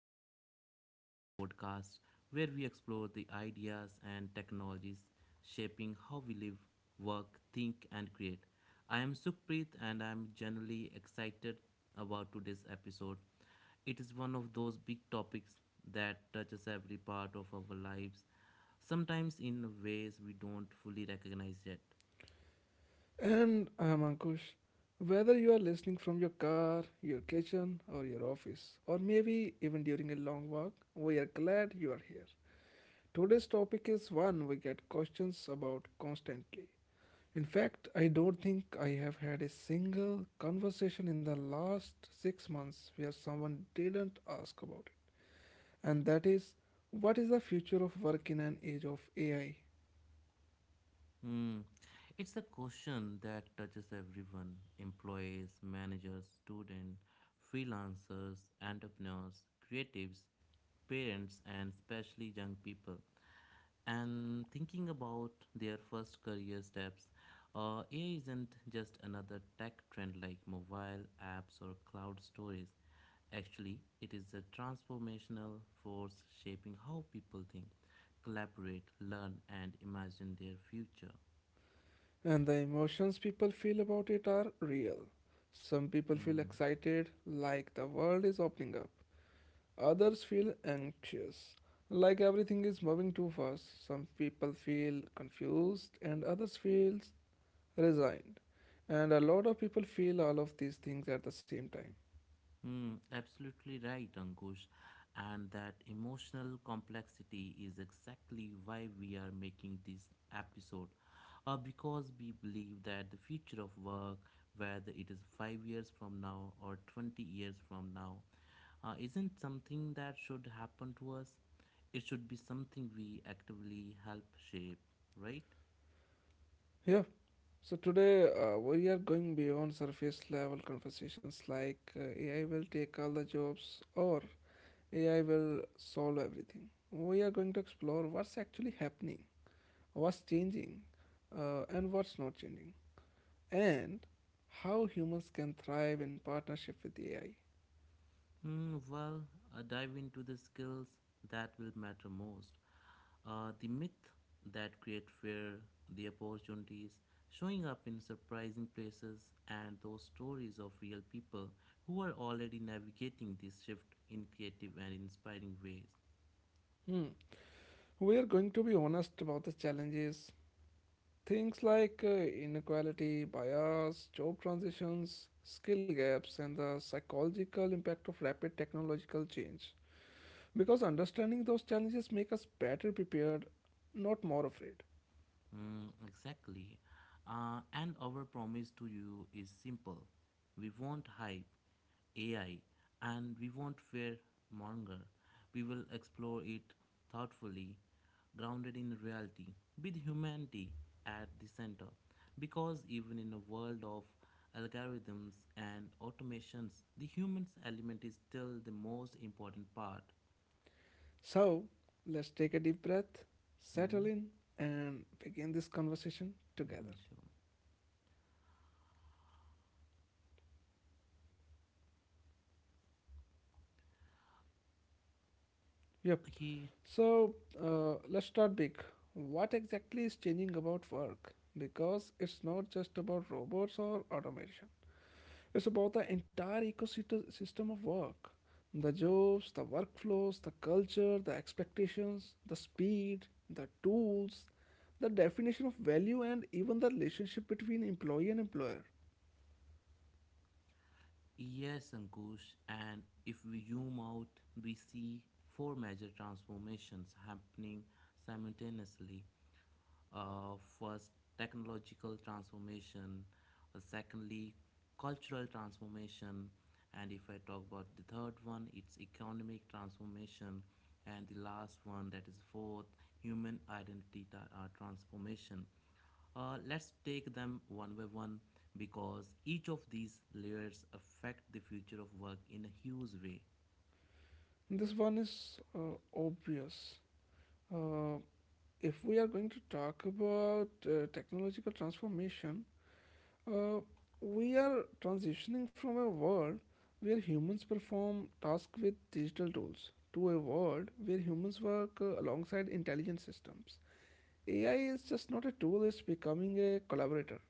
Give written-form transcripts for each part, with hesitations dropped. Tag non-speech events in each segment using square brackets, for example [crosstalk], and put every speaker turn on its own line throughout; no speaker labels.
to the Thinking Shift podcast, where we explore the ideas and technologies shaping how we live, work, think, and create. I am Sukhpreet, and I'm generally excited about today's episode. It is one of those big topics that touches every part of our lives, sometimes in ways we don't fully recognize yet.
And I'm Ankush. Whether you are listening from your car, your kitchen, or your office, or maybe even during a long walk, we are glad you are here. Today's topic is one we get questions about constantly. In fact, I don't think I have had a single conversation in the last six months where someone didn't ask about it. And that is, what is the future of work in an age of AI.
Hmm. It's a question that touches everyone employees, managers, students, freelancers, entrepreneurs, creatives, parents, and especially young people. And thinking about their first career steps, AI isn't just another tech trend like mobile apps or cloud storage. Actually, it is a transformational force shaping how people think, collaborate, learn, and imagine their future.
And the emotions people feel about it are real. Some people feel
Mm,
excited, like the world is opening up. Others feel anxious, like everything is moving too fast. Some people feel confused, and others feel resigned. And a lot of people feel all of these things at the same time.
absolutely right, Ankush. And that emotional complexity is exactly why we are making this episode. Because we believe that the future of work, whether it is 5 years from now or 20 years from now, isn't something that should happen to us. It should be something we actively help shape, right?
Yeah, so today we are going beyond surface level conversations like AI will take all the jobs or AI will solve everything. We are going to explore what's actually happening, what's changing, and what's not changing, and how humans can thrive in partnership with AI.
Mm. Dive into the skills that will matter most. The myth that create fear, the opportunities, showing up in surprising places, and those stories of real people who are already navigating this shift in creative and inspiring ways.
Hmm. We are going to be honest about the challenges, things like inequality, bias, job transitions, skill gaps, and the psychological impact of rapid technological change. Because understanding those challenges make us better prepared, not more afraid.
Mm, exactly. And our promise to you is simple. We won't hype AI and we won't fear monger. We will explore it thoughtfully, grounded in reality, with humanity at the center. Because even in a world of algorithms and automations, the humans element is still the most important part.
So, let's take a deep breath, settle
Hmm?
in, and begin this conversation
Hmm,
together.
sure.
Yep.
Okay.
So let's start big. What exactly is changing about work? Because it's not just about robots or automation. It's about the entire ecosystem system of work. The jobs, the workflows, the culture, the expectations, the speed, the tools, the definition of value, and even the relationship between employee and employer.
Yes, Ankush, and if we zoom out, we see four major transformations happening simultaneously. Uh, first, technological transformation, secondly, cultural transformation, and if I talk about the third one, it's economic transformation, and the last one, that is fourth, human identity transformation. Let's take them one by one because each of these layers affect the future of work in a huge way.
This one is obvious. Uh, if we are going to talk about technological transformation, uh, we are transitioning from a world where humans perform tasks with digital tools to a world where humans work alongside intelligent systems. AI is just not a tool, it's becoming a collaborator.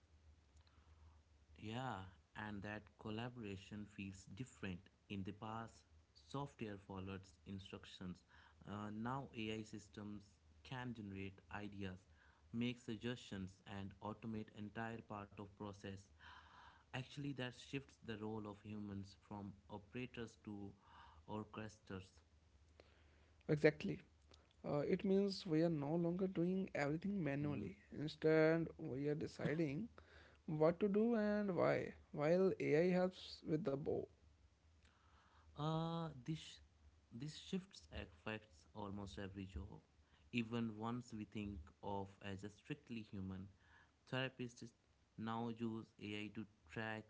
Yeah, and that collaboration feels different. In the past, software followed instructions. Now AI systems can generate ideas, make suggestions and automate entire part of process. Actually that shifts the role of humans from operators to orchestrators.
Exactly. It means we are no longer doing everything manually. Instead, we are deciding what to do and why, while AI helps with the bow.
Uh, this this shifts affects almost every job, even ones we think of as a strictly human. Therapists now use AI to track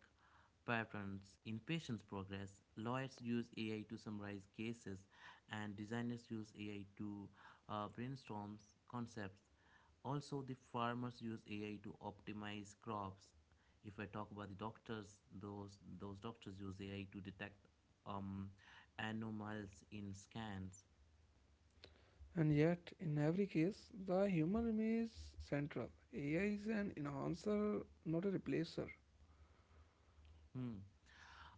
patterns in patients' progress. Lawyers use AI to summarize cases, and designers use AI to brainstorm concepts. Also, the farmers use AI to optimize crops if I talk about the doctors, those doctors use AI to detect um, anomalies in scans.
And yet, in every case, the human remains central. AI is an enhancer, not a replacer.
Hmm.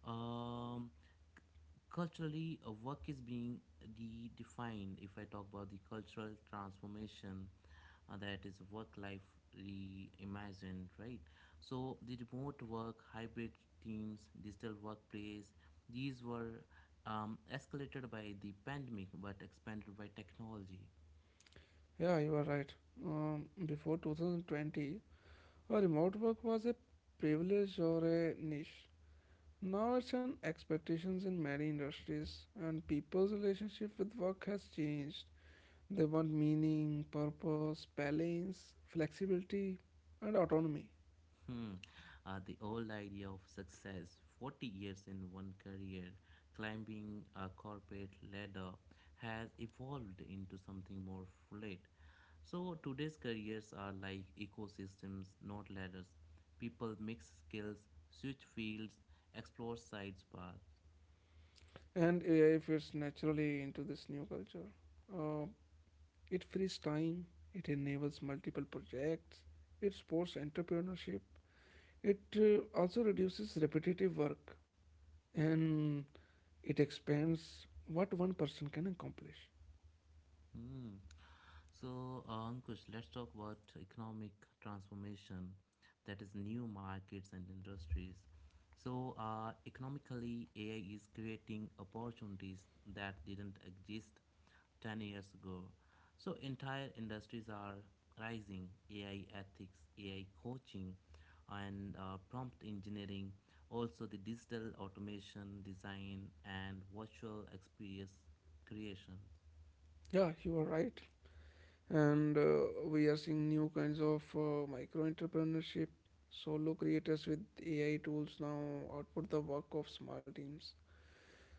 Um, Culturally, a work is being redefined. If I talk about the cultural transformation, that is work life reimagined, right? So the remote work, hybrid teams, digital workplace, these were escalated by the pandemic but expanded by technology.
Yeah, you are right. Before 2020, a remote work was a privilege or a niche. Now it's an expectations in many industries, and people's relationship with work has changed. They want meaning, purpose, balance, flexibility, and autonomy.
Hmm. The old idea of success 40 years in one career, climbing a corporate ladder, has evolved into something more fluid. So, today's careers are like ecosystems, not ladders. People mix skills, switch fields, explore side paths.
And AI fits naturally into this new culture. Uh, It frees time, it enables multiple projects, it supports entrepreneurship, it also reduces repetitive work, and it expands what one person can accomplish.
Hmm. So, Ankush, let's talk about economic transformation, that is new markets and industries. So, economically, AI is creating opportunities that didn't exist 10 years ago. So, entire industries are rising AI ethics, AI coaching, and prompt engineering, also the digital automation, design, and virtual experience creation.
Yeah, you are right. And we are seeing new kinds of micro entrepreneurship. Solo creators with AI tools now output the work of small teams.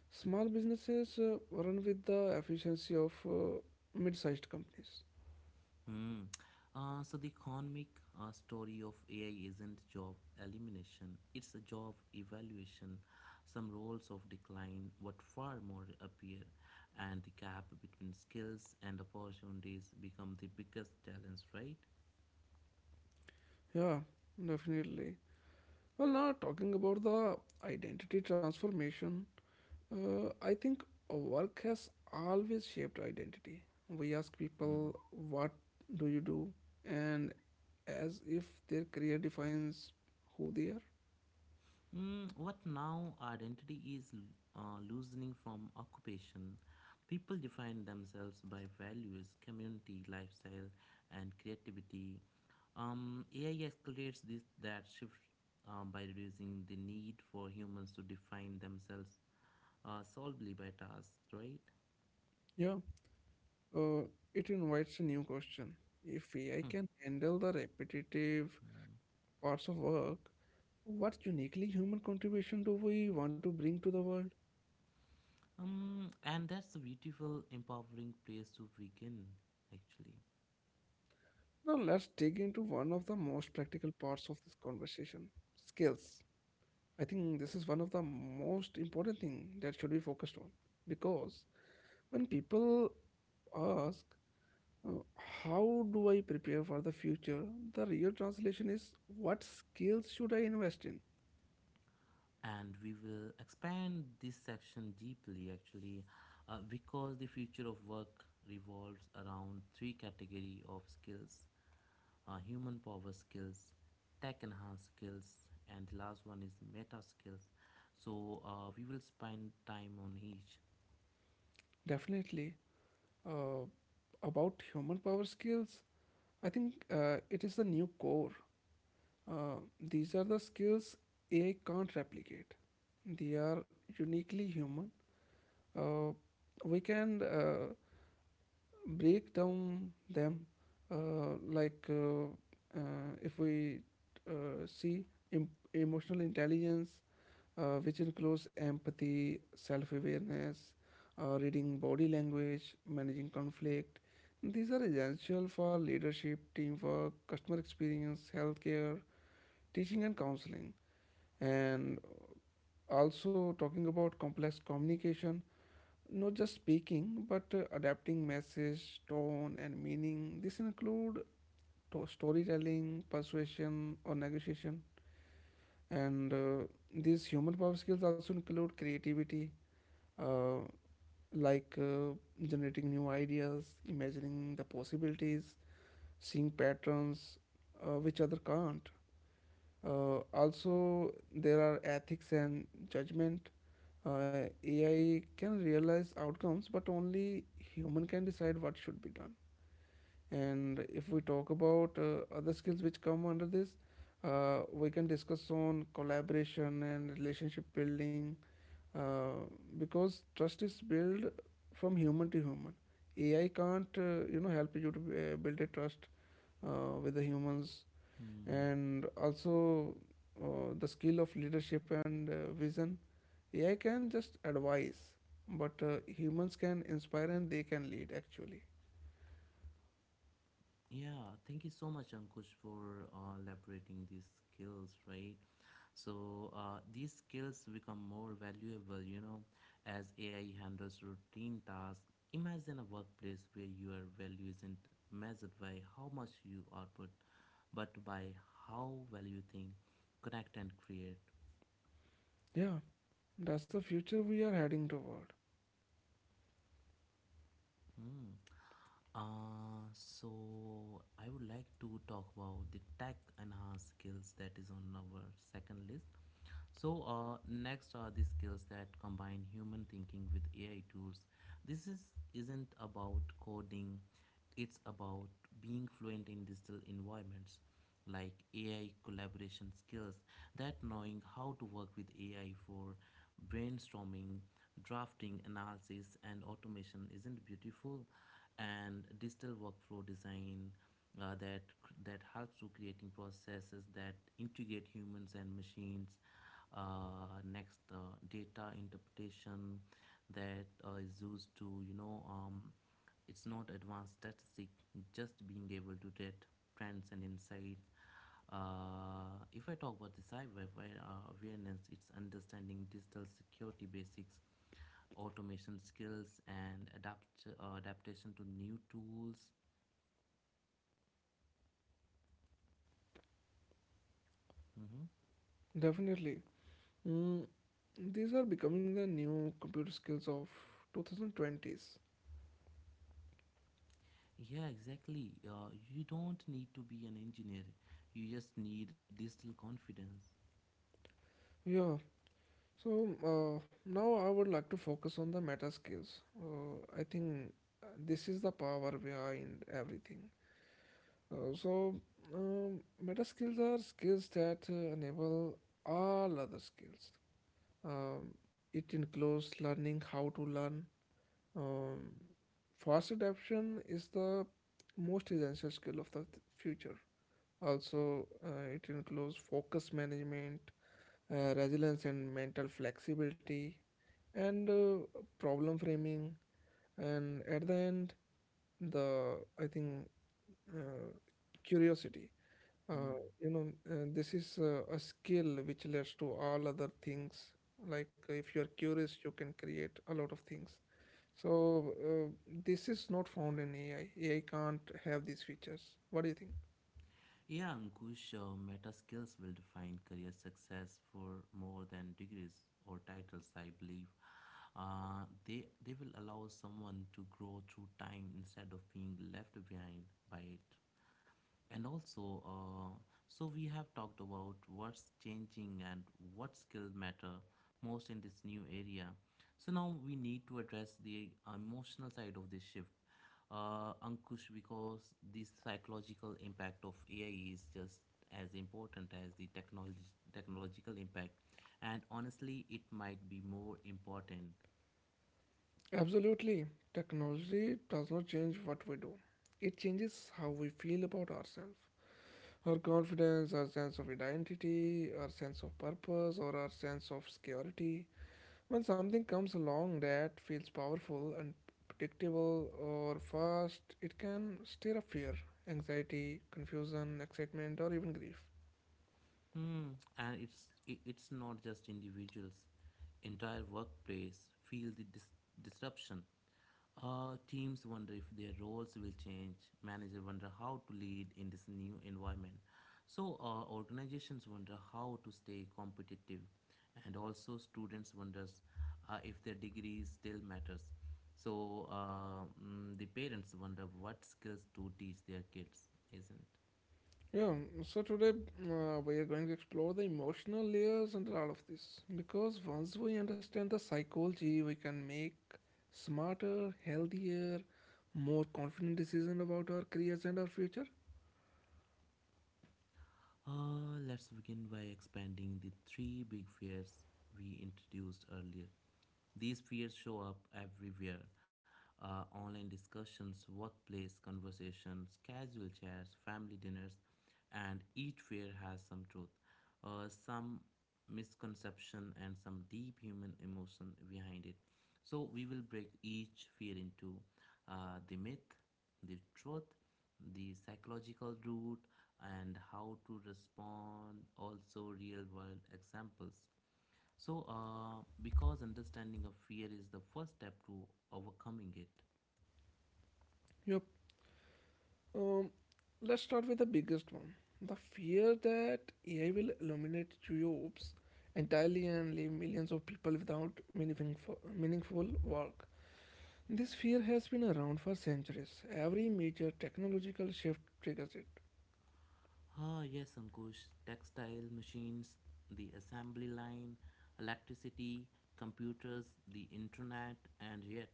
Small businesses run with the efficiency of mid sized companies.
Hmm. So the economic story of AI isn't job elimination; it's a job evaluation. Some roles of decline what far more appear, and the gap between skills and opportunities become the biggest challenge. Right?
Yeah, definitely. Well, now talking about the identity transformation, I think work has always shaped identity. We ask
Hmm.
people, what do you do? And as if their career defines who they are.
Mm, what now identity is loosening from occupation. People define themselves by values, community, lifestyle, and creativity. AI accelerates this that shift by reducing the need for humans to define themselves solely by tasks, right?
Yeah, uh, it invites a new question. If AI
Hmm.
can handle the repetitive
Hmm.
parts of work, what uniquely human contribution do we want to bring to the world?
And that's a beautiful, empowering place to begin, actually.
Now, let's dig into one of the most practical parts of this conversation, skills. I think this is one of the most important thing that should be focused on, because when people ask, uh, how do I prepare for the future? The real translation is, what skills should I invest in?
And we will expand this section deeply actually, because the future of work revolves around three category of skills: human power skills, tech enhanced skills, and the last one is meta skills. So we will spend time on each.
Definitely. uh, about human power skills, I think it is the new core. These are the skills AI can't replicate. They are uniquely human. Uh, we can Break down them like if we see em- emotional intelligence, which includes empathy, self-awareness, reading body language, managing conflict. These are essential for leadership, teamwork, customer experience, healthcare, teaching and counseling. And also talking about complex communication, not just speaking but adapting message, tone and meaning. This include storytelling, persuasion or negotiation. And these human power skills also include creativity, uh, like uh, generating new ideas, imagining the possibilities, seeing patterns which other can't. Also, there are ethics and judgment. AI can realize outcomes, but only human can decide what should be done. And if we talk about other skills which come under this, we can discuss on collaboration and relationship building, uh, because trust is built from human to human. AI can't you know, help you to build a trust with the humans.
Hmm.
And also the skill of leadership and vision. AI can just advise, but humans can inspire and they can lead actually.
Yeah, thank you so much, Ankush, for elaborating these skills, right? So these skills become more valuable, you know, as AI handles routine tasks. Imagine a workplace where your value isn't measured by how much you output, but by how well you think, connect, and create.
Yeah, that's the future we are heading toward.
Hmm. So I would like to talk about the tech enhanced skills that is on our second list. So next are the skills that combine human thinking with AI tools. This is Isn't about coding; it's about being fluent in digital environments, like AI collaboration skills. That knowing how to work with AI for brainstorming, drafting, analysis, and automation isn't beautiful, and digital workflow design uh, that that helps to creating processes that integrate humans and machines. Next, data interpretation, that is used to it's not advanced statistic, just being able to get trends and insights. If I talk about the cyber awareness, it's understanding digital security basics, automation skills and adaptation to new tools. Mm-hmm.
Definitely. Mm, these are becoming the new computer skills of 2020s.
Yeah, exactly. You don't need to be an engineer. You just need digital confidence.
Yeah. So now I would like to focus on the meta skills. I think this is the power behind everything. Uh, so Meta skills are skills that enable all other skills. Um, it includes learning how to learn. Um, Fast adaptation is the most essential skill of the future. Also, it includes focus management, resilience and mental flexibility, and problem framing. And at the end, the I think uh, curiosity. Uh,
Hmm.
this is a skill which leads to all other things. Like if you are curious, you can create a lot of things. So this is not found in AI. AI can't have these features. What do you think?
Yeah, Ankush, meta skills will define career success for more than degrees or titles, I believe. They will allow someone to grow through time instead of being left behind by it. And also, so we have talked about what's changing and what skills matter most in this new area. So now we need to address the emotional side of this shift, Ankush, because the psychological impact of AI is just as important as the technology technological impact, and honestly, it might be more important.
Absolutely. Technology does not change what we do. It changes how we feel about ourselves. Our confidence, our sense of identity, our sense of purpose, or our sense of security. When something comes along that feels powerful and predictable or fast, it can stir up fear, anxiety, confusion, excitement, or even grief.
And it's not just individuals. Entire workplace feel the disruption. Teams wonder if their roles will change. Managers wonder how to lead in this new environment. So organizations wonder how to stay competitive, and also students wonders if their degree still matters. So the parents wonder what skills to teach their kids, isn't?
Yeah, so today we are going to explore the emotional layers under all of this, because once we understand the psychology, we can make smarter, healthier, more confident decisions about our careers and our future.
Let's begin by expanding the three big fears we introduced earlier. These fears show up everywhere: online discussions, workplace conversations, casual chats, family dinners, and each fear has some truth, some misconception, and some deep human emotion behind it. So, we will break each fear into the myth, the truth, the psychological root, and how to respond, also real world examples. So, because understanding of fear is the first step to overcoming it.
Yep. Um, let's start with the biggest one, the fear that AI will eliminate jobs entirely and leave millions of people without meaningful work. This fear has been around for centuries. Every major technological shift triggers it.
Ah, yes, Ankush. Textile machines, the assembly line, electricity, computers, the internet, and yet,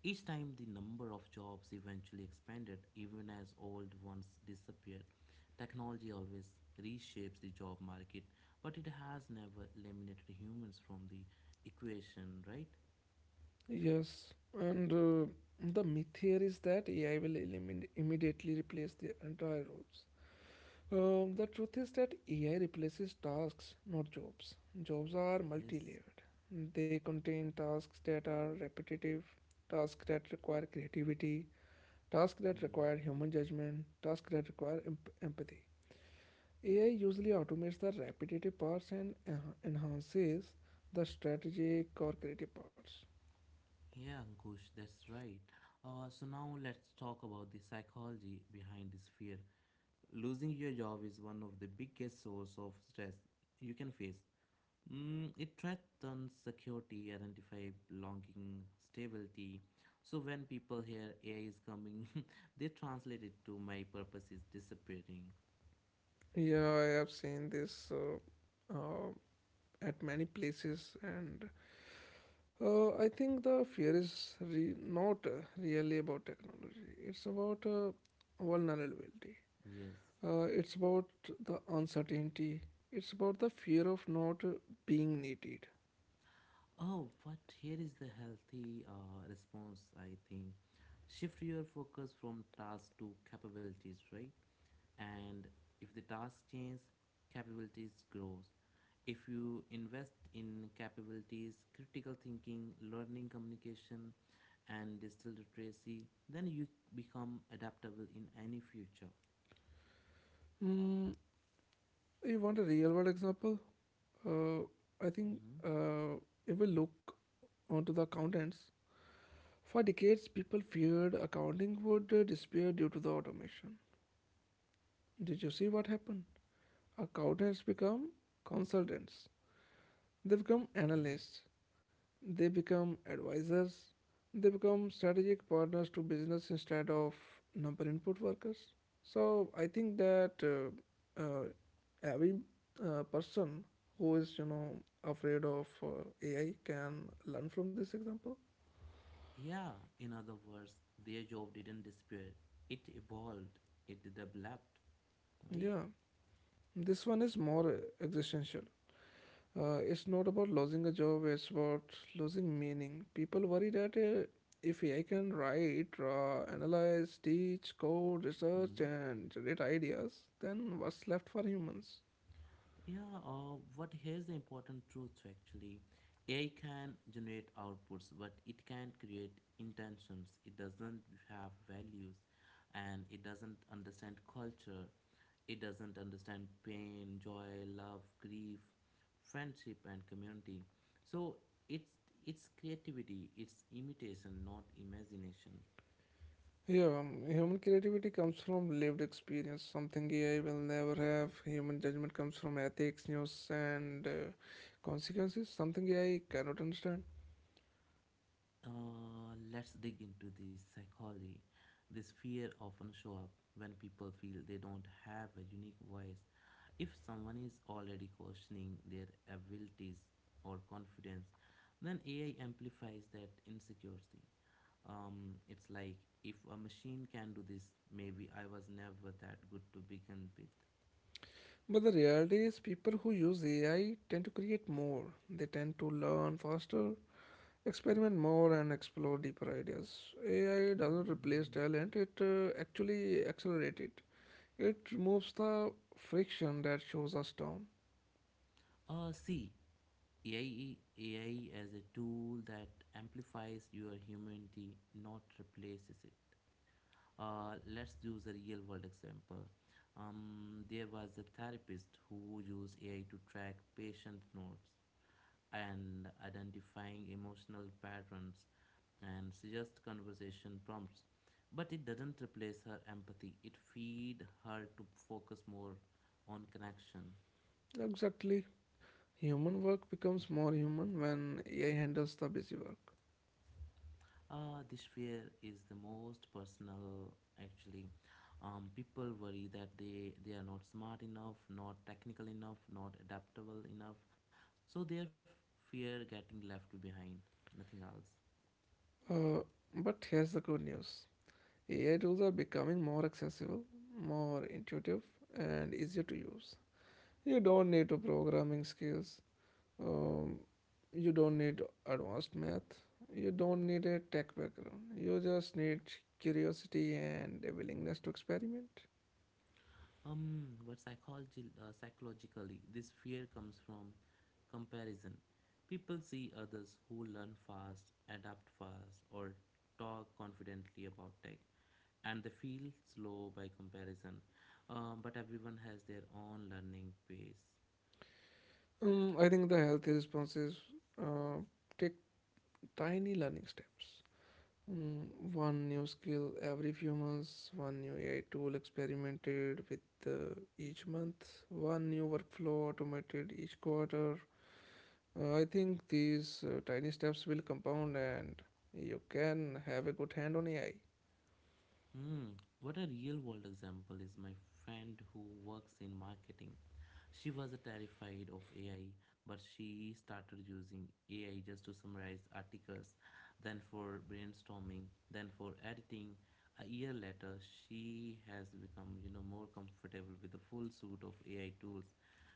each time the number of jobs eventually expanded, even as old ones disappeared. Technology always reshapes the job market, but it has never eliminated humans from the equation, right?
Yes, and the myth here is that AI will immediately replace the entire roles. The truth is that AI replaces tasks, not jobs. Jobs are
Yes.
multi layered, they contain tasks that are repetitive, tasks that require creativity, tasks that require human judgment, tasks that require empathy. AI usually automates the repetitive parts and enhances the strategic or creative parts.
Yeah, Ankush, that's right. So now let's talk about the psychology behind this fear. Losing your job is one of the biggest source of stress you can face. Mm, it threatens security, identify belonging, stability. So when people hear AI is coming, [laughs] they translate it to my purpose is disappearing.
Yeah, I have seen this at many places, and I think the fear is not really about technology. It's about vulnerability.
Yes.
It's about the uncertainty. It's about the fear of not being needed.
Oh, but here is the healthy response, I think. Shift your focus from task to capabilities, right? And if the task changes, capabilities grows. If you invest in capabilities, critical thinking, learning communication, and digital literacy, then you become adaptable in any future.
Mm, you want a real world example? Uh, I think
Mhm.
uh, if we look onto the accountants, for decades people feared accounting would disappear due to the automation. Did you see what happened? Account has become consultants. They become
Yeah.
analysts. They become advisors. They become strategic partners to business instead of number input workers. So I think that every person who is, you know, afraid of AI can learn from this example.
Yeah, in other words, their job didn't disappear. It evolved, it developed, right?
Yeah, this one is more existential. It's not about losing a job, it's about losing meaning. People worry that if AI can write, analyze, teach, code, research,
Hmm.
and generate ideas, then what's left for humans?
Yeah, what here's the important truth actually. AI can generate outputs, but it can not create intentions. It doesn't have values and it doesn't understand culture. It doesn't understand pain, joy, love, grief, friendship and community. So it's it's creativity, it's imitation, not imagination.
Yeah, human creativity comes from lived experience, something AI will never have. Human judgment comes from ethics, news, and consequences, something AI cannot understand.
Let's dig into this psychology. This fear often show up when people feel they don't have a unique voice. If someone is already questioning their abilities or confidence, then AI amplifies that insecurity. It's like if a machine can do this, maybe I was never that good to begin with.
But the reality is, people who use AI tend to create more, they tend to learn faster, experiment more and explore deeper ideas. AI doesn't replace talent, it actually accelerates it. It removes the friction that shows us down.
See, AI as a tool that amplifies your humanity, not replaces it. Let's use a real world example. There was a therapist who used AI to track patient notes and identifying emotional patterns and suggest conversation prompts, but it doesn't replace her empathy, it feed her to focus more on connection.
Exactly. Human work becomes more human when AI handles the busy work.
This fear is the most personal actually. People worry that they are not smart enough, not technical enough, not adaptable enough, so they fear getting left behind, nothing else.
Uh, but here's the good news, AI tools are becoming more accessible, more intuitive, and easier to use. You don't need to programming skills. Um, you don't need advanced math. You don't need a tech background. You just need curiosity and a willingness to experiment.
Psychologically, this fear comes from comparison. People see others who learn fast, adapt fast, or talk confidently about tech, and they feel slow by comparison. But everyone has their own learning pace.
I think the healthy response is uh, take tiny learning steps. Mm, one new skill every few months, one new AI tool experimented with each month, one new workflow automated each quarter. I think these tiny steps will compound and you can have a good hand on AI.
Hmm, what a real world example is my friend who works in marketing. She was terrified of AI, but she started using AI just to summarize articles, then for brainstorming, then for editing. A year later, she has become, more comfortable with the full suite of AI tools.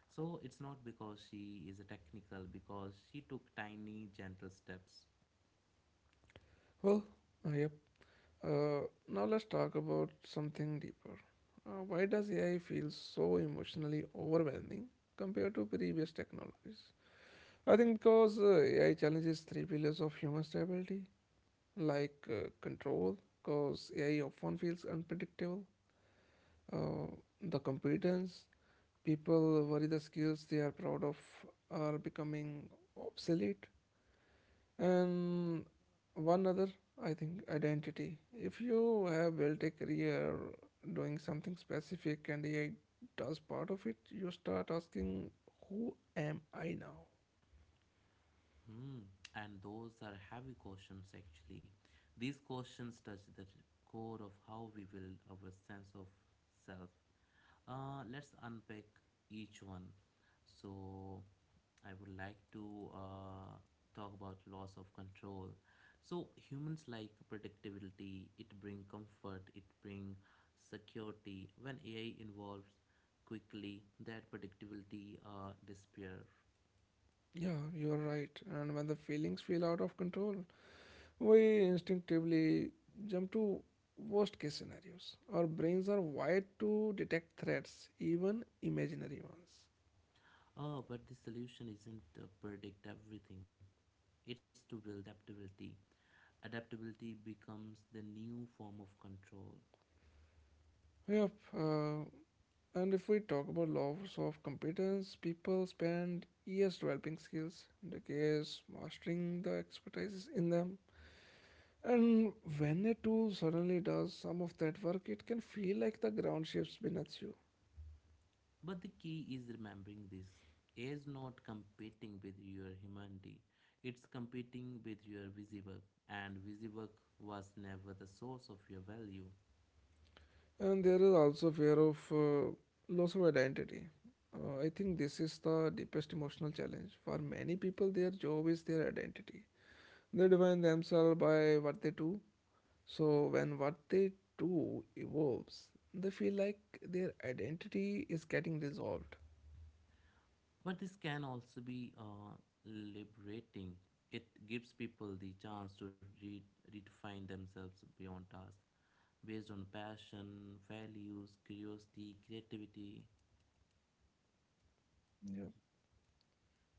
So it's not because she is a technical, because she took tiny, gentle steps.
Well, yep. Uh, Now let's talk about something deeper. Why does AI feel so emotionally overwhelming compared to previous technologies? I think because AI challenges three pillars of human stability, like control, because AI often feels unpredictable, uh, the competence, people worry the skills they are proud of are becoming obsolete, and one other, I think, identity. If you have built a career doing something specific and AI does part of it, you start asking, "Who am I now?"
Hmm, and those are heavy questions actually. These questions touch the core of how we build our sense of self. Let's unpack each one. So, I would like to talk about loss of control. So, humans like predictability, it bring comfort, it bring security. When AI involves quickly, that predictability disappear.
Yeah, you're right. And when the feelings feel out of control, we instinctively jump to worst case scenarios. Our brains are wired to detect threats, even imaginary ones.
Oh, but the solution isn't to predict everything. It's to build adaptability. Adaptability becomes the new form of control.
Yep. And if we talk about laws of competence, people spend years developing skills, in the case mastering the expertise in them. And when a tool suddenly does some of that work, it can feel like the ground shifts beneath you.
But the key is remembering this. A is not competing with your humanity. It's competing with your busy work. And busy work was never the source of your value.
And there is also fear of loss of identity. I think this is the deepest emotional challenge. For many people, their job is their identity. They define themselves by what they do, so when what they do evolves, they feel like their identity is getting dissolved.
But this can also be liberating. It gives people the chance to redefine themselves beyond tasks, based on passion, values, curiosity, creativity.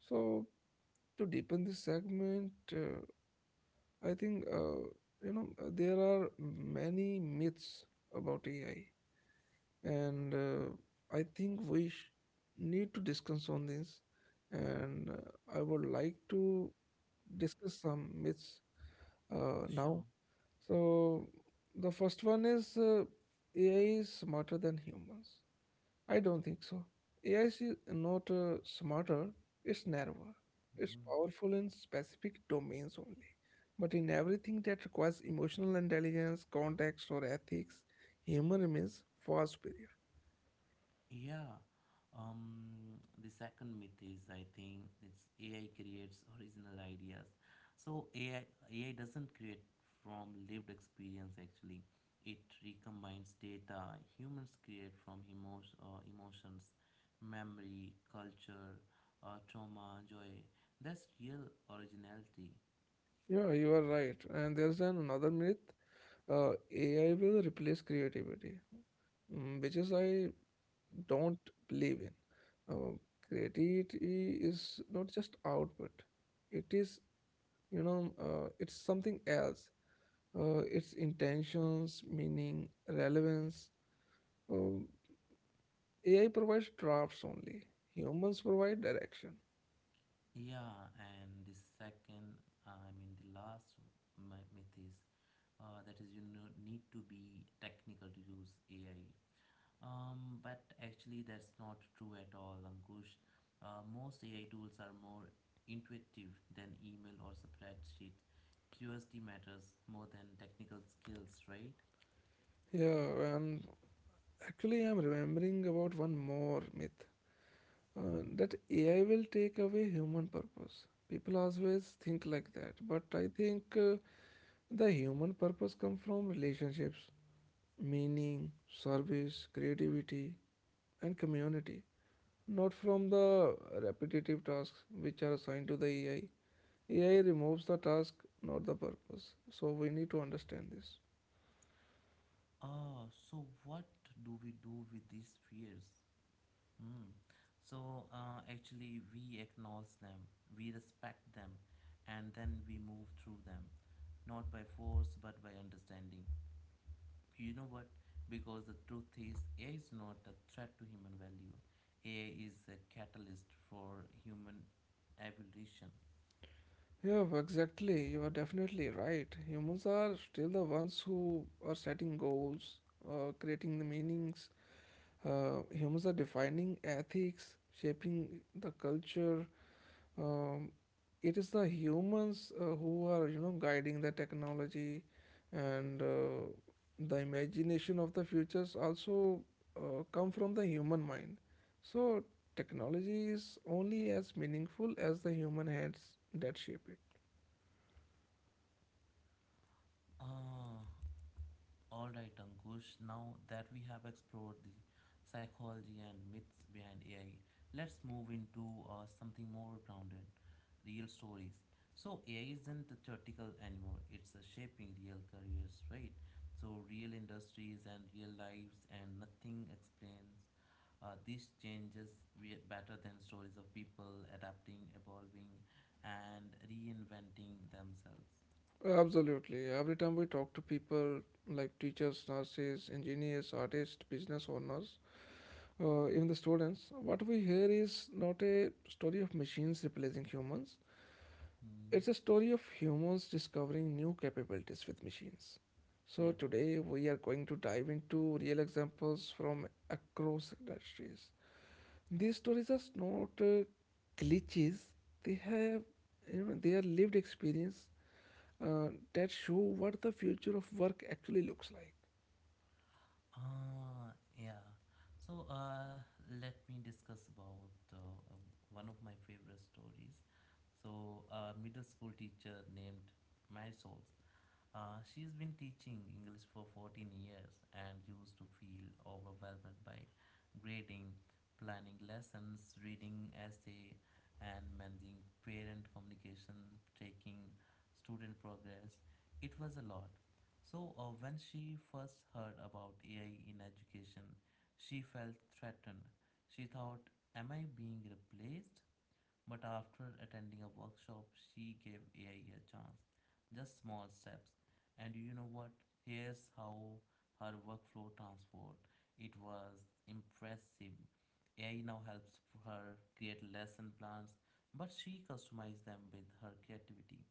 So to deepen this segment, I think there are many myths about AI, and I think need to discuss on this. And I would like to discuss some myths now.
Sure.
So the first one is AI is smarter than humans. I don't think so. AI is not smarter, it's narrower. It's
Mm.
powerful in specific domains only. But in everything that requires emotional intelligence, context, or ethics, human remains far superior.
Yeah. The second myth is I think it's AI creates original ideas. So AI doesn't create from lived experience actually. It recombines data humans create from emotion, emotions, memory, culture, trauma, joy. That's real originality.
Yeah, you are right. And there's an another myth. AI will replace creativity, mm, which is I don't believe in. Uh, creativity is not just output, it is, it's something else. Its intentions, meaning, relevance. Um, AI provides drafts only. Humans provide direction.
Yeah, and the second, I mean, the last myth is that is need to be technical to use AI. But actually, that's not true at all, Ankush. Most AI tools are more intuitive than email or spreadsheets. Curiosity matters more than technical skills, right?
Yeah, and actually, I'm remembering about one more myth.
Mm-hmm.
That AI will take away human purpose. People always think like that, but I think the human purpose come from relationships, meaning, service, creativity, and community, not from the repetitive tasks which are assigned to the AI. AI removes the task, not the purpose. So we need to understand this.
So what do we do with these fears? Mm. So actually, we acknowledge them, we respect them, and then we move through them, not by force but by understanding. You know what? Because the truth is, AI is not a threat to human value. AI is a catalyst for human evolution.
Yeah, exactly. You are definitely right. Humans are still the ones who are setting goals, creating the meanings. Humans are defining ethics, shaping the culture. Um, it is the humans who are, guiding the technology and the imagination of the futures also come from the human mind. So technology is only as meaningful as the human hands that shape it.
Ah, all right, Ankush, now that we have explored the psychology and myths behind AI, let's move into something more grounded, real stories. So, AI isn't theoretical anymore, it's shaping real careers, right? So, real industries and real lives, and nothing explains these changes we better than stories of people adapting, evolving, and reinventing themselves.
Absolutely. Every time we talk to people like teachers, nurses, engineers, artists, business owners, even the students, what we hear is not a story of machines replacing humans,
Hmm.
it's a story of humans discovering new capabilities with machines. So,
Yeah.
today we are going to dive into real examples from across industries. These stories are not glitches. They have, they are lived experience uh, that show what the future of work actually looks like.
Ah, yeah. So, let me discuss about um, one of my favorite stories. So, a middle school teacher named Marisol she's been teaching English for 14 years and used to feel overwhelmed by grading, planning lessons, reading essay, and managing parent communication, tracking student progress. It was a lot. So when she first heard about AI in education, she felt threatened. She thought, "Am I being replaced?" But after attending a workshop, she gave AI a chance. Just small steps. And you know what? Here's how her workflow transformed. It was impressive. AI now helps her create lesson plans, but she customized them with her creativity.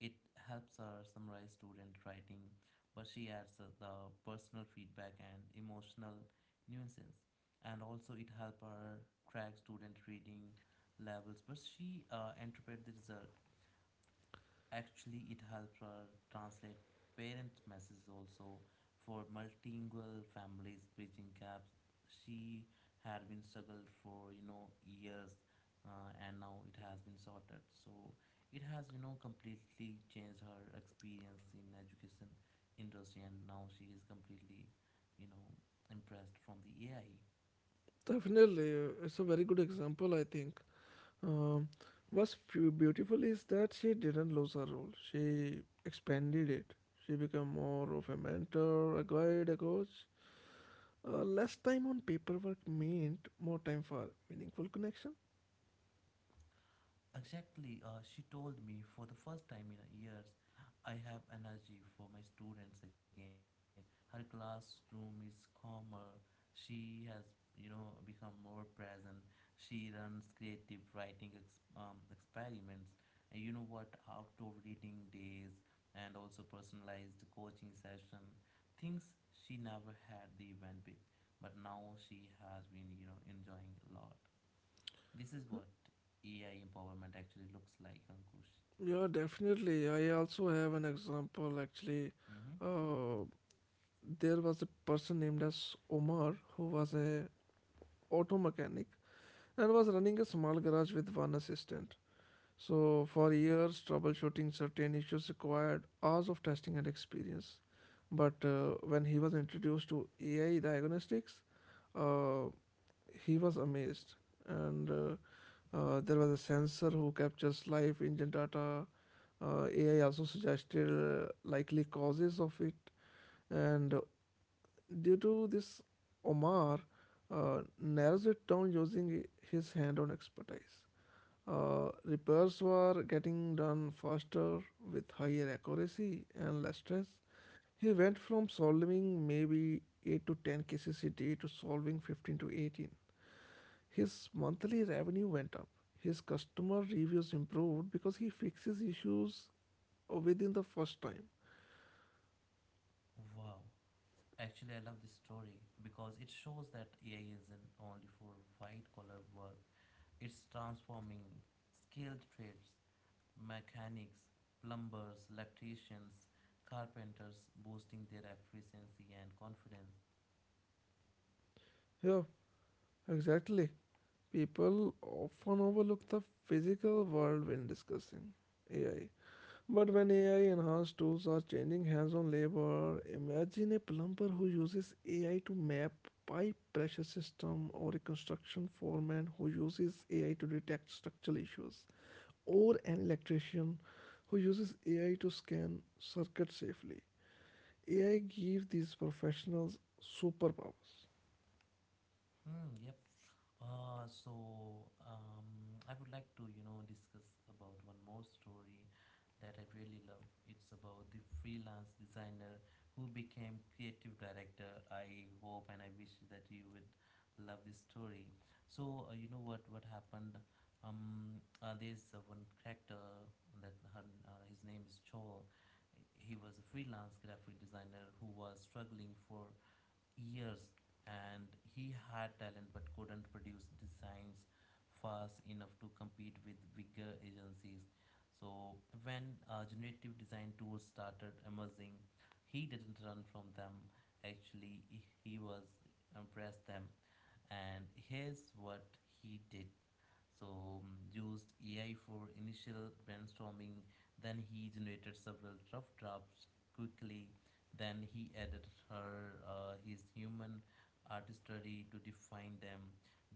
It helps her summarize student writing, but she adds the personal feedback and emotional nuances. And also, it helps her track student reading levels, but she interpreted the result. Actually, it helps her translate parents messages also for multilingual families, bridging gaps she had been struggled for, you know, years. And now it has been sorted, so it has, you know, completely changed her experience in education industry, and now she is completely, you know, impressed from the AI.
Definitely, it's a very good example, I think. Um, what's beautiful is that she didn't lose her role. She expanded it. She became more of a mentor, a guide, a coach. Less time on paperwork meant more time for meaningful connection.
Exactly, she told me, "For the first time in years, I have energy for my students again." Her classroom is calmer. She has, you know, become more present. She runs creative writing experiments. And you know what? Outdoor reading days and also personalized coaching session. Things she never had the event with, but now she has been, you know, enjoying a lot. This is what AI empowerment actually looks like, Ankush.
Yeah, definitely. I also have an example actually.
Hmm.
Uh, there was a person named as Omar who was a auto mechanic and was running a small garage with one assistant. So for years, troubleshooting certain issues required hours of testing and experience. But when he was introduced to AI diagnostics, uh, he was amazed, and there was a sensor who captures live engine data. AI also suggested likely causes of it, and due to this, Omar narrows it down using his hand-on expertise. Repairs were getting done faster with higher accuracy and less stress. He went from solving maybe 8 to 10 cases a day to solving 15 to 18. His monthly revenue went up. His customer reviews improved because he fixes issues within the first time.
Wow. Actually, I love this story because it shows that AI isn't only for white collar work, it's transforming skilled trades, mechanics, plumbers, electricians, carpenters, boosting their efficiency and confidence.
Yeah, exactly. People often overlook the physical world when discussing AI. But when AI enhanced tools are changing hands on labor, imagine a plumber who uses AI to map pipe pressure system or a construction foreman who uses AI to detect structural issues or an electrician who uses AI to scan circuits safely. AI gives these professionals superpowers.
Hmm, yep. So, I would like to, you know, discuss about one more story that I really love. It's about the freelance designer who became creative director. I hope and I wish that you would love this story. So you know what happened? There's one character that her, his name is Joel. He was a freelance graphic designer who was struggling for years, and he had talent but couldn't produce designs fast enough to compete with bigger agencies. So when generative design tools started emerging, he didn't run from them. Actually, he was impressed them, and here's what he did. So used AI for initial brainstorming, then he generated several rough drafts quickly, then he added her his human artistry to define them,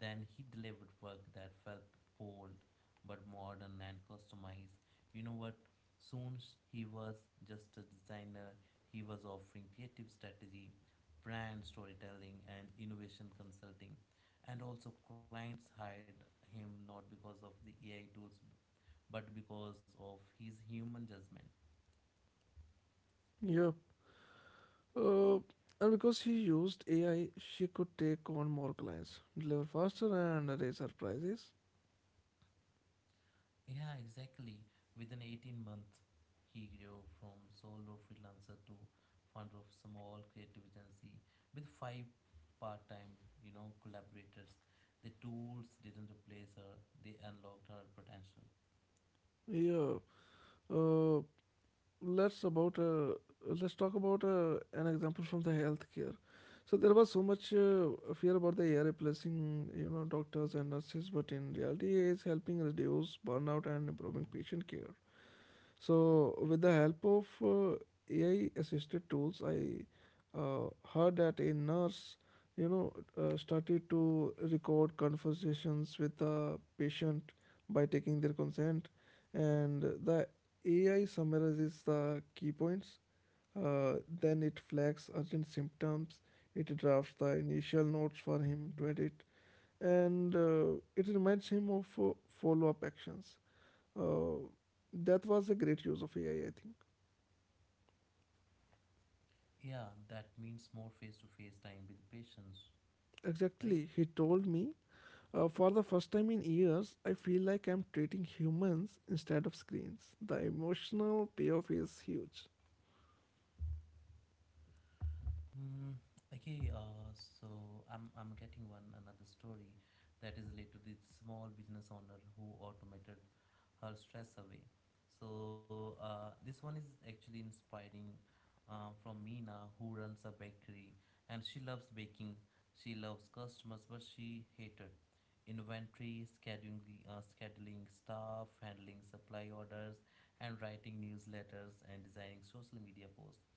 then he delivered work that felt bold but modern and customized. You know what? Soon he was just a designer, he was offering creative strategy, brand storytelling and innovation consulting, and also clients hired him not because of the AI tools but because of his human judgment.
Yeah. Uh, and because she used AI, she could take on more clients, deliver faster, and raise her prices.
Yeah, exactly. Within 18 months, he grew from solo freelancer to founder of small creative agency with five part-time, you know, collaborators. The tools didn't replace her; they unlocked her potential.
Yeah. Uh, let's about uh, let's talk about an example from the healthcare. So there was so much fear about the AI replacing you know doctors and nurses, but in reality, AI is helping reduce burnout and improving
Hmm.
patient care. So, with the help of AI assisted tools, I heard that a nurse, you know, started to record conversations with the patient by taking their consent, and the AI summarizes the key points. Then it flags urgent symptoms. It drafts the initial notes for him to edit, and it reminds him of follow-up actions. Uh, that was a great use of AI, I think.
Yeah, that means more face-to-face time with patients, right?
Exactly, he told me. For the first time in years, I feel like I'm treating humans instead of screens. The emotional payoff is huge.
Hmm. Okay, so I'm getting one another story that is related to this small business owner who automated her stress away. So this one is actually inspiring, from Mina who runs a bakery, and she loves baking. She loves customers, but she hated inventory, scheduling, scheduling staff, handling supply orders, and writing newsletters and designing social media posts,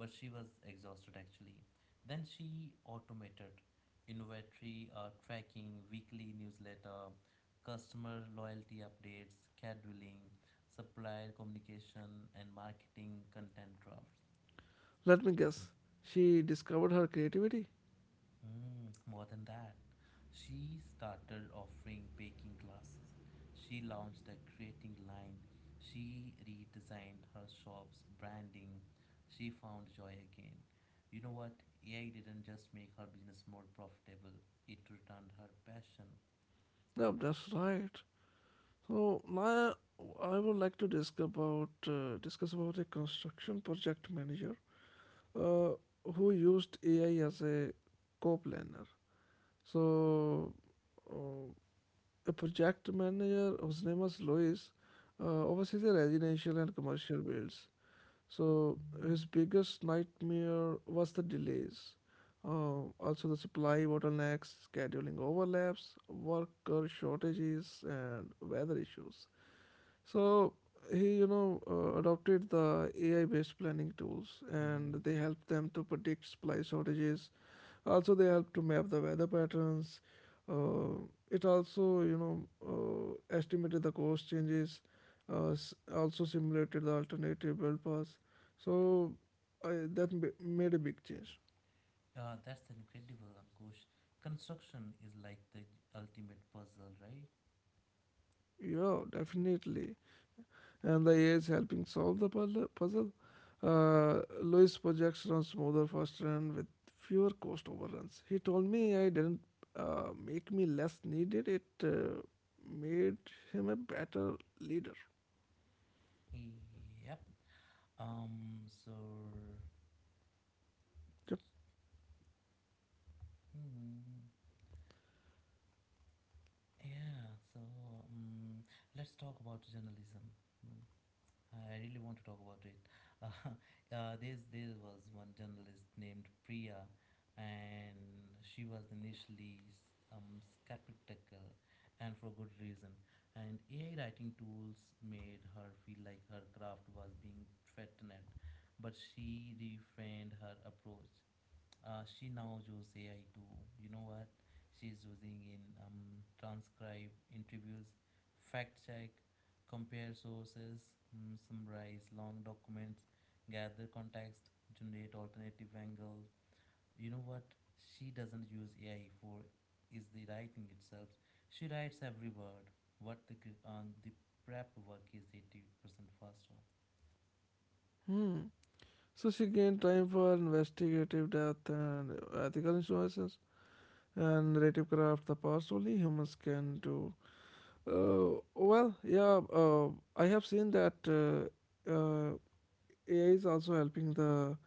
but she was exhausted actually. Then she automated inventory tracking, weekly newsletter, customer loyalty updates, scheduling, supplier communication, and marketing content drafts.
Let me guess, she discovered her creativity?
Mm, more than that, she started offering baking classes. She launched a creating line. She redesigned her shop's branding. She found joy again. You know what? AI didn't just make her business more profitable, it returned her passion.
Yeah, that's right. So now I would like to discuss about a construction project manager uh, who used AI as a co-planner. So uh, the project manager, whose name was Louis, oversees the residential and commercial builds. So his biggest nightmare was the delays. Also, the supply bottlenecks, scheduling overlaps, worker shortages, and weather issues. So he, adopted the AI-based planning tools, and
Hmm.
they helped them to predict supply shortages. Also, they helped to map the weather patterns. Uh, it also, estimated the cost changes. Also simulated the alternative build paths. So that made a big change.
That's incredible, Ankush. Construction is like the ultimate puzzle, right?
Yeah, definitely. And the AI is helping solve the puzzle. Lewis projects run smoother, faster, and with fewer cost overruns. He told me AI didn't make me less needed. It made him a better leader.
Yep. Um, so.
Yep.
Hmm. Yeah, so um, let's talk about journalism. Mm, I really want to talk about it. [laughs] Uh, there was one journalist named Priya, and she was initially skeptical, and for good reason. And AI writing tools made her feel like her craft was being threatened, but she reframed her approach. She now uses AI too. You know what? She's using in transcribe interviews, fact check, compare sources, mm, summarize long documents, gather context, generate alternative angles. You know what? She doesn't use AI for is the writing itself. She writes every word. What the the prep work is 80% faster.
Hmm. So she gained time for investigative depth and ethical innovations and narrative craft. The past only humans can do. Well, yeah, I have seen that AI is also helping the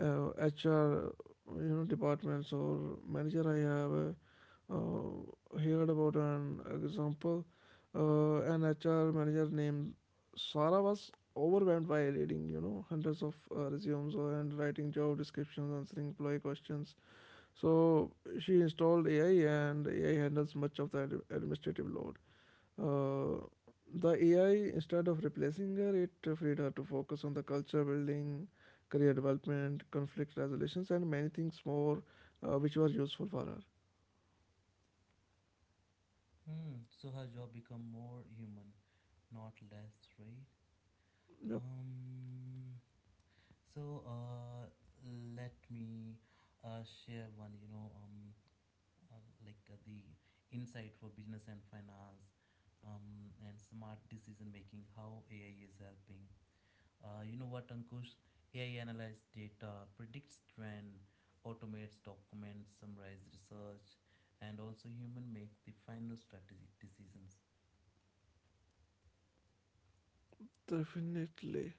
HR, departments or manager. I have heard about an example. An HR manager named Sara was overwhelmed by reading, hundreds of resumes and writing job descriptions, answering employee questions. So she installed AI, and AI handles much of the administrative load. Uh, the AI, instead of replacing her, it freed her to focus on the culture building, career development, conflict resolutions, and many things more which were useful for her.
Hmm. So her job become more human, not less, right?
Yep,
Um, so uh, Let me share one, you know, like the insight for business and finance, and smart decision making, how AI is helping. You know what, Ankush? AI analyzes data, predicts trend, automates documents, summarizes research, and also human make the final strategic decisions.
definitely.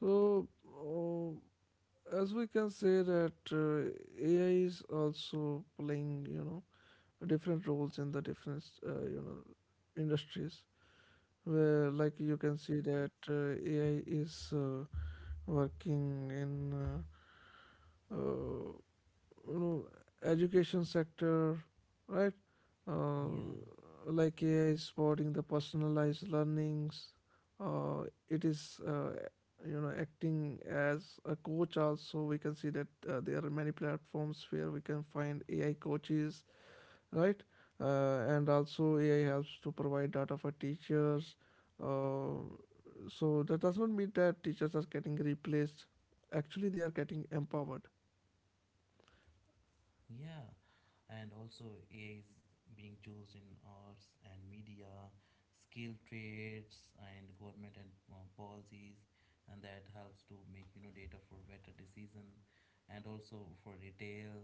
So, as we can say that AI is also playing, different roles in the different, industries. Where, like, you can see that AI is working in uh, uh, education sector, right? uh,
Yeah.
like AI is supporting the personalized learnings. uh, it is, acting as a coach. Also we can see that there are many platforms where we can find AI coaches, right? And also AI helps to provide data for teachers. uh, so that does not mean that teachers are getting replaced, actually they are getting empowered.
Yeah, and also AI is being used in arts and media, skill trades, and government and policies, and that helps to make you know data for better decision, and also for retail,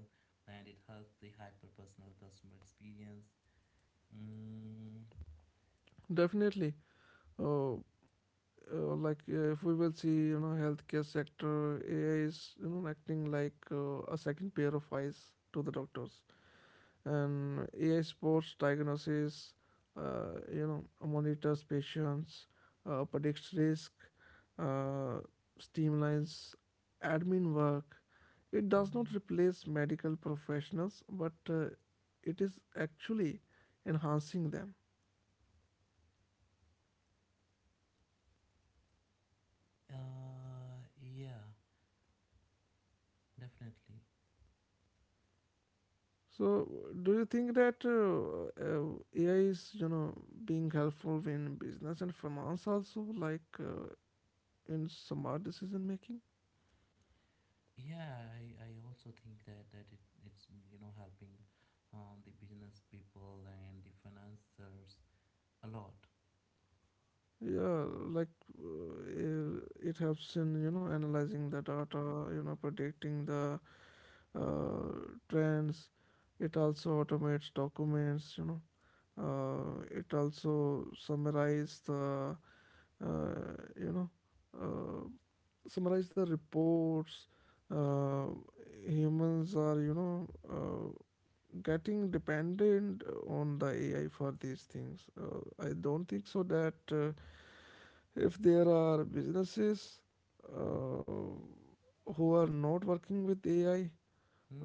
and it helps the hyper personal customer experience. Mm,
Definitely. uh, like if we will see you know healthcare sector, AI is you know acting like a second pair of eyes to the doctors. And AI supports diagnosis, uh, you know monitors patients, predicts risk, uh, streamlines admin work. It does not replace medical professionals but uh, it is actually enhancing them.
yeah, definitely.
So, do you think that AI is, being helpful in business and finance also, like in smart decision making?
Yeah, I also think that it, it's you know helping the business people and the financiers a lot.
Yeah, like it helps in, analyzing the data, predicting the uh, trends. It also automates documents, it also uh, you know, uh, summarize the reports. Uh, humans are, getting dependent on the AI for these things. I don't think so that if there are businesses uh, who are not working with AI,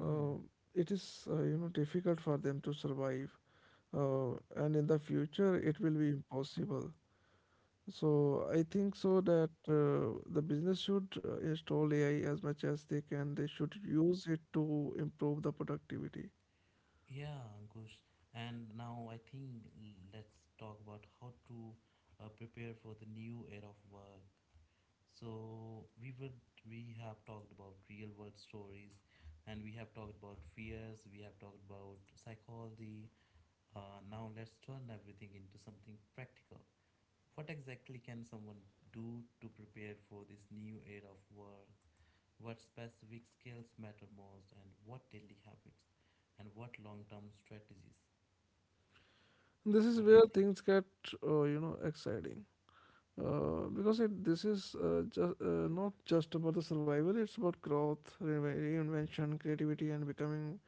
uh, it is, difficult for them to survive. And in the future, it will be impossible. So I think so that the business should install AI as much as they can. They should use it to improve the productivity.
Yeah, Ankush. And now I think let's talk about how to prepare for the new era of work. So we would we have talked about real world stories, and we have talked about fears. We have talked about psychology. Now let's turn everything into something practical. What exactly can someone do to prepare for this new era of work? What specific skills matter most, and what daily habits, and what long-term strategies,
This is
what do you
where
think?
things get exciting because it this is just not just about the survival. It's about growth, reinvention, creativity, and becoming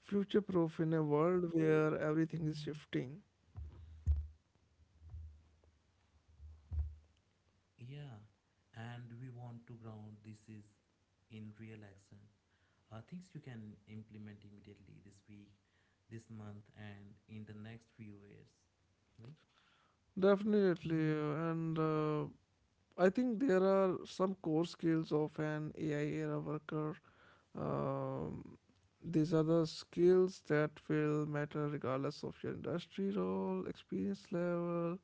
future-proof in a world where everything is shifting.
Yeah, and we want to ground this is in real action, things you can implement immediately, this week, this month, and in the next few years, right?
Definitely, and I think there are some core skills of an AI era worker. Um, these are the skills that will matter regardless of your industry role, experience level,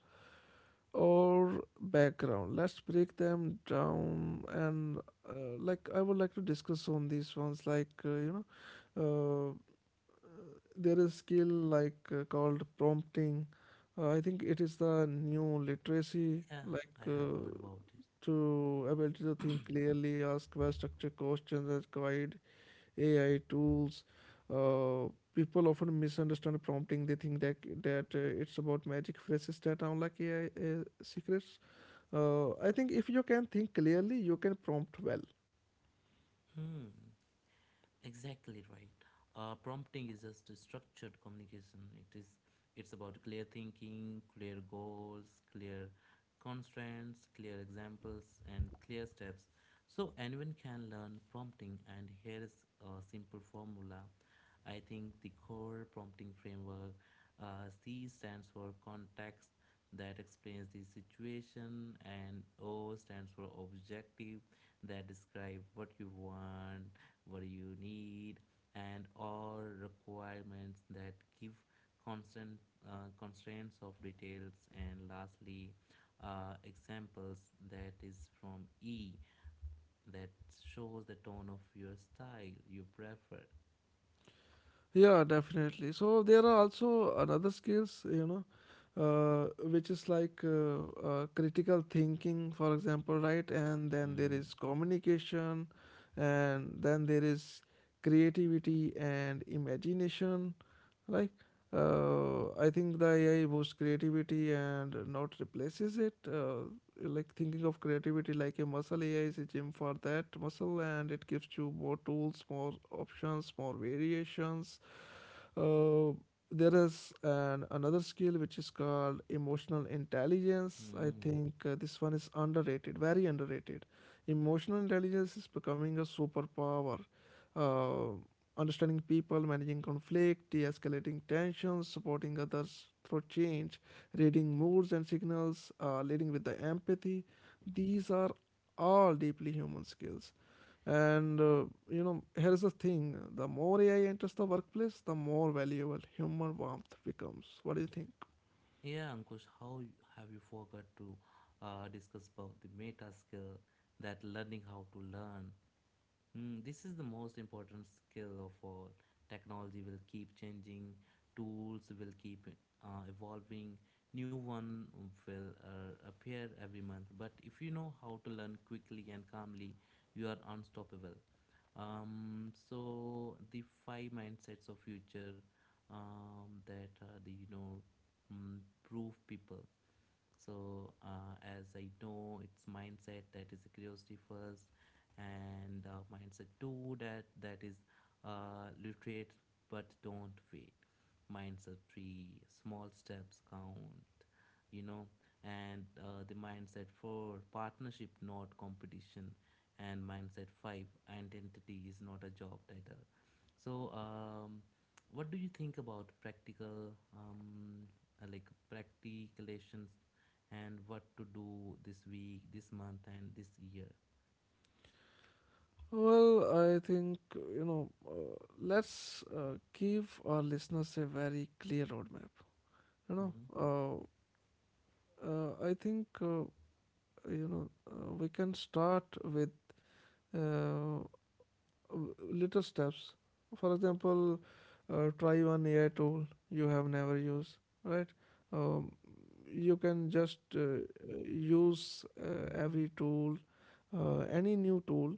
or background. Let's break them down, and like I would like to discuss on these ones. Like know, uh, there is skill like called prompting. I think it is the new literacy.
Yeah,
Like
I have heard about it.
to ability to think clearly, ask well structured questions, as guide AI tools. Uh, People often misunderstand prompting. They think that it's about magic phrases that sound like AI secrets. I think if you can think clearly, you can prompt well.
Hmm. Exactly right. Prompting is just a structured communication. It's about clear thinking, clear goals, clear constraints, clear examples, and clear steps. So anyone can learn prompting. And here is a simple formula. I think the core prompting framework, C stands for context that explains the situation, and O stands for objective that describe what you want, what you need, and all requirements that give constant constraints of details, and lastly examples, that is from e that shows the tone of your style you prefer.
Yeah, definitely. So there are also another skills, which is like critical thinking, for example, right? And then there
Mm.
is communication, and then there is creativity and imagination. Like, I think the AI boosts creativity and not replaces it. Like thinking of creativity like a muscle, ai is a gym for that muscle, and it gives you more tools, more options, more variations. uh, there is an another skill which is called emotional intelligence. I
Mm.
think this one is underrated, very underrated. Emotional intelligence is becoming a superpower. uh, Understanding people, managing conflict, de-escalating tensions, supporting others through change, reading moods and signals, leading with the empathy. These are all deeply human skills. And here's the thing: the more AI enters the workplace, the more valuable human warmth becomes. What do you think?
Yeah, Ankush, have you forgot to discuss about the meta skill that learning how to learn? Mm, this is the most important skill of all. Technology will keep changing, tools will keep evolving, new one will appear every month. But if you know how to learn quickly and calmly, you are unstoppable. So the five mindsets of future, that are the mm, proof people. So as I know, it's mindset that is curiosity first, and mindset two that is literate but don't wait. Mindset three, small steps count, you know and the mindset four, partnership not competition. And mindset five, identity is not a job title. So what do you think about practical, like practicalations, and what to do this week, this month, and this year?
Well, I think, let's give our listeners a very clear roadmap. You
Mm-hmm.
know, I think, we can start with uh, little steps. For example, try one AI tool you have never used, right? Um, you can just use every tool, any new tool,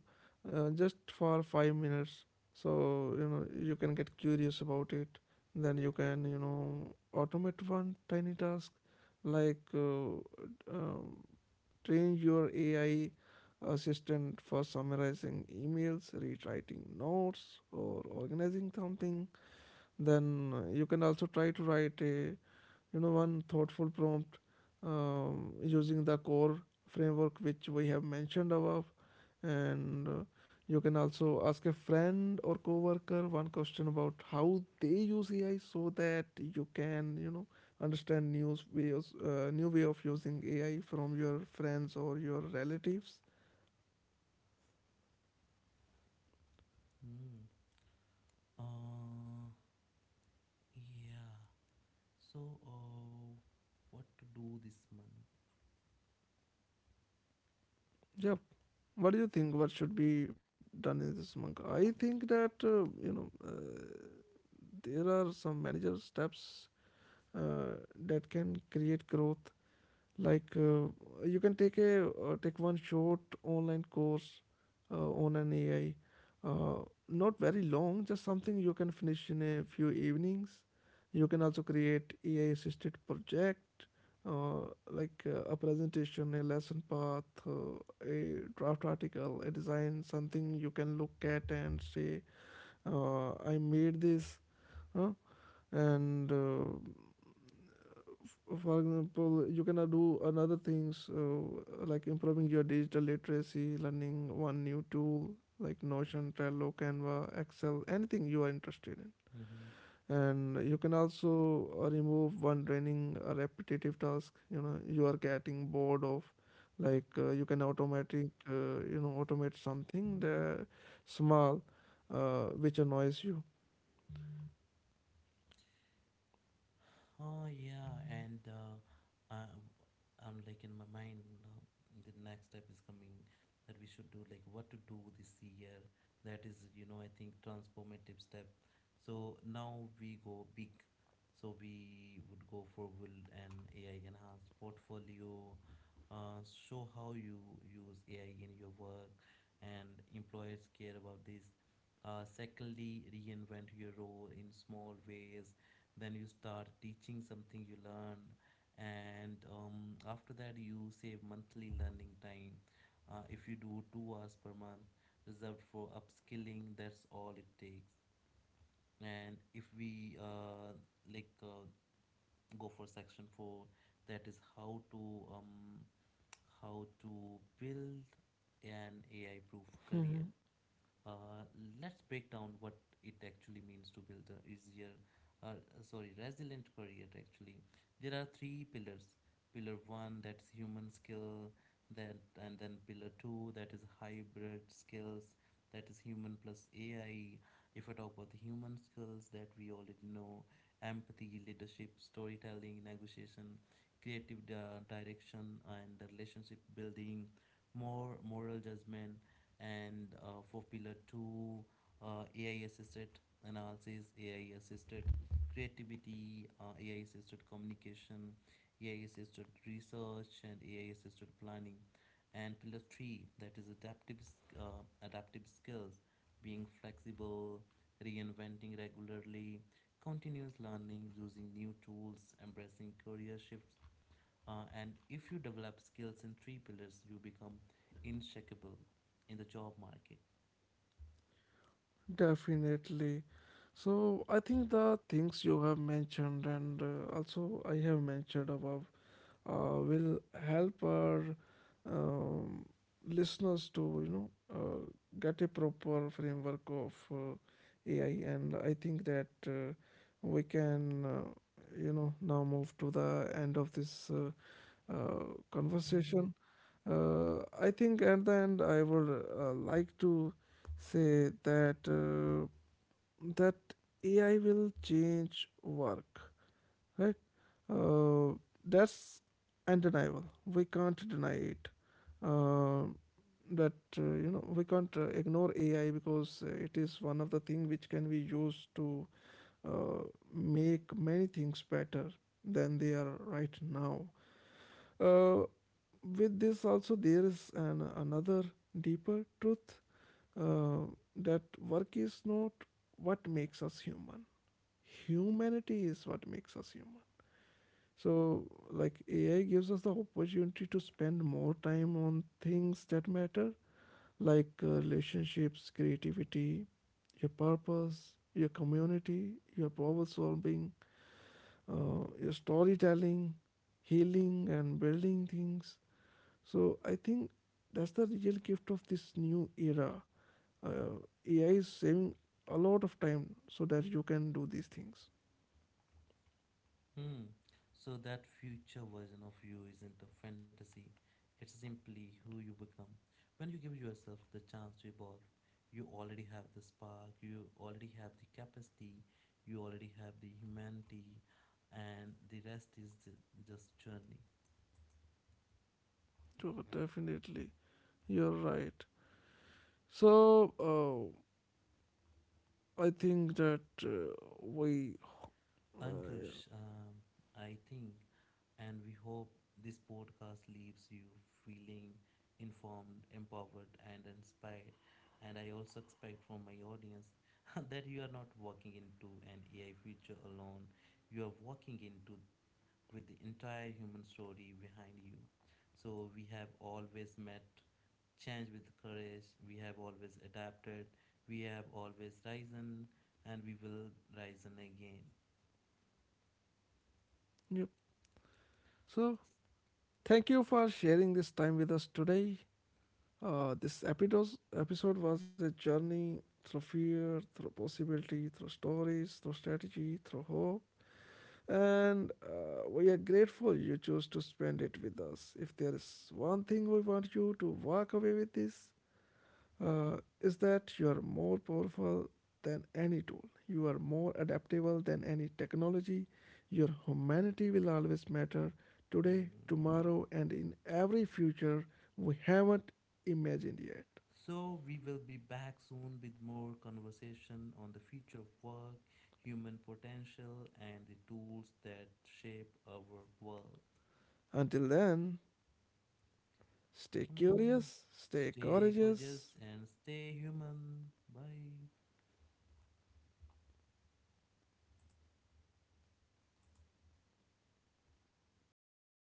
just for 5 minutes. So, you know, you can get curious about it. Then you can, you know, automate one tiny task like um, train your AI assistant for summarizing emails, rewriting notes, or organizing something. Then you can also try to write a, you know, one thoughtful prompt using the core framework which we have mentioned above, and you can also ask a friend or coworker one question about how they use AI so that you can, you know, understand new ways, new way of using AI from your friends or your relatives.
Mm. Uh, yeah. So, what to do this month?
Yep. What do you think? What should be done in this monk? I think that, there are some manager steps uh, that can create growth, like you can take a take one short online course on an ai, not very long, just something you can finish in a few evenings. You can also create ai assisted project, uh, like a presentation, a lesson path, a draft article, a design, something you can look at and say, I made this, huh? And for example, you can do another things like improving your digital literacy, learning one new tool like notion, trello, canva, excel, anything you are interested in.
Mm-hmm.
And you can also remove one draining repetitive task, you know, you are getting bored of. Like you can automatic automate something that small which annoys you.
Oh yeah, and I, I'm like in my mind, the next step is coming, that we should do like what to do this year. That is, you know, I think transformative step. So now we go big. So we would go forward and AI enhanced portfolio. Show how you use AI in your work, and employers care about this. Secondly, reinvent your role in small ways, then you start teaching something you learn. And after that, you save monthly learning time. If you do 2 hours per month reserved for upskilling, that's all it takes. And if we like uh, go for section 4, that is how to build an AI proof career. Uh, let's break down what it actually means to build a easier, uh, sorry, resilient career. Actually, there are three pillars. Pillar one, that's human skill, that. And then pillar two, that is hybrid skills, that is human plus AI. If I talk about the human skills that we already know, empathy, leadership, storytelling, negotiation, direction, and the relationship building, more moral judgment. And for pillar 2, AI assisted analysis, AI assisted creativity, AI assisted communication, AI assisted research, and AI assisted planning. And pillar 3, that is adaptive, adaptive skills, being flexible, reinventing regularly, continuous learning, using new tools, embracing career shifts. And if you develop skills in three pillars, you become unshakable in the job market.
Definitely. So I think the things you have mentioned, and also I have mentioned above, will help our um, listeners to, you know, get a proper framework of, AI, and I think that we can, now move to the end of this uh, conversation. I think at the end I would like to say that that AI will change work, right? Uh, that's undeniable. We can't deny it. Uh, that you know we can't ignore AI because it is one of the thing which can be used to uh, make many things better than they are right now. Uh, with this also there is an another deeper truth, uh, that work is not what makes us human. Humanity is what makes us human. So, like AI gives us the opportunity to spend more time on things that matter, like relationships, creativity, your purpose, your community, your problem solving, your storytelling, healing, and building things. So, I think that's the real gift of this new era. Uh, AI is saving a lot of time so that you can do these things.
Hmm. So that future version of you isn't a fantasy, it's simply who you become. When you give yourself the chance to evolve, you already have the spark, you already have the capacity, you already have the humanity, and the rest is just journey.
So, definitely, you're right. So, I think that we. Uh,
Ankush, I think, and we hope this podcast leaves you feeling informed, empowered, and inspired. And I also expect from my audience [laughs] that you are not walking into an AI future alone, you are walking into with the entire human story behind you. So we have always met change with courage, we have always adapted, we have always risen, and we will risen again.
yep. So, thank you for sharing this time with us today. This episode was a journey through fear, through possibility, through stories, through strategy, through hope. And we are grateful you chose to spend it with us. If there is one thing we want you to walk away with this, is that you are more powerful than any tool. You are more adaptable than any technology. Your humanity will always matter today,
Hmm.
tomorrow, and in every future we haven't imagined yet.
So, we will be back soon with more conversation on the future of work, human potential, and the tools that shape our world.
Until then, stay
Hmm.
curious, stay
Stay gorgeous
courageous,
and stay human. Bye.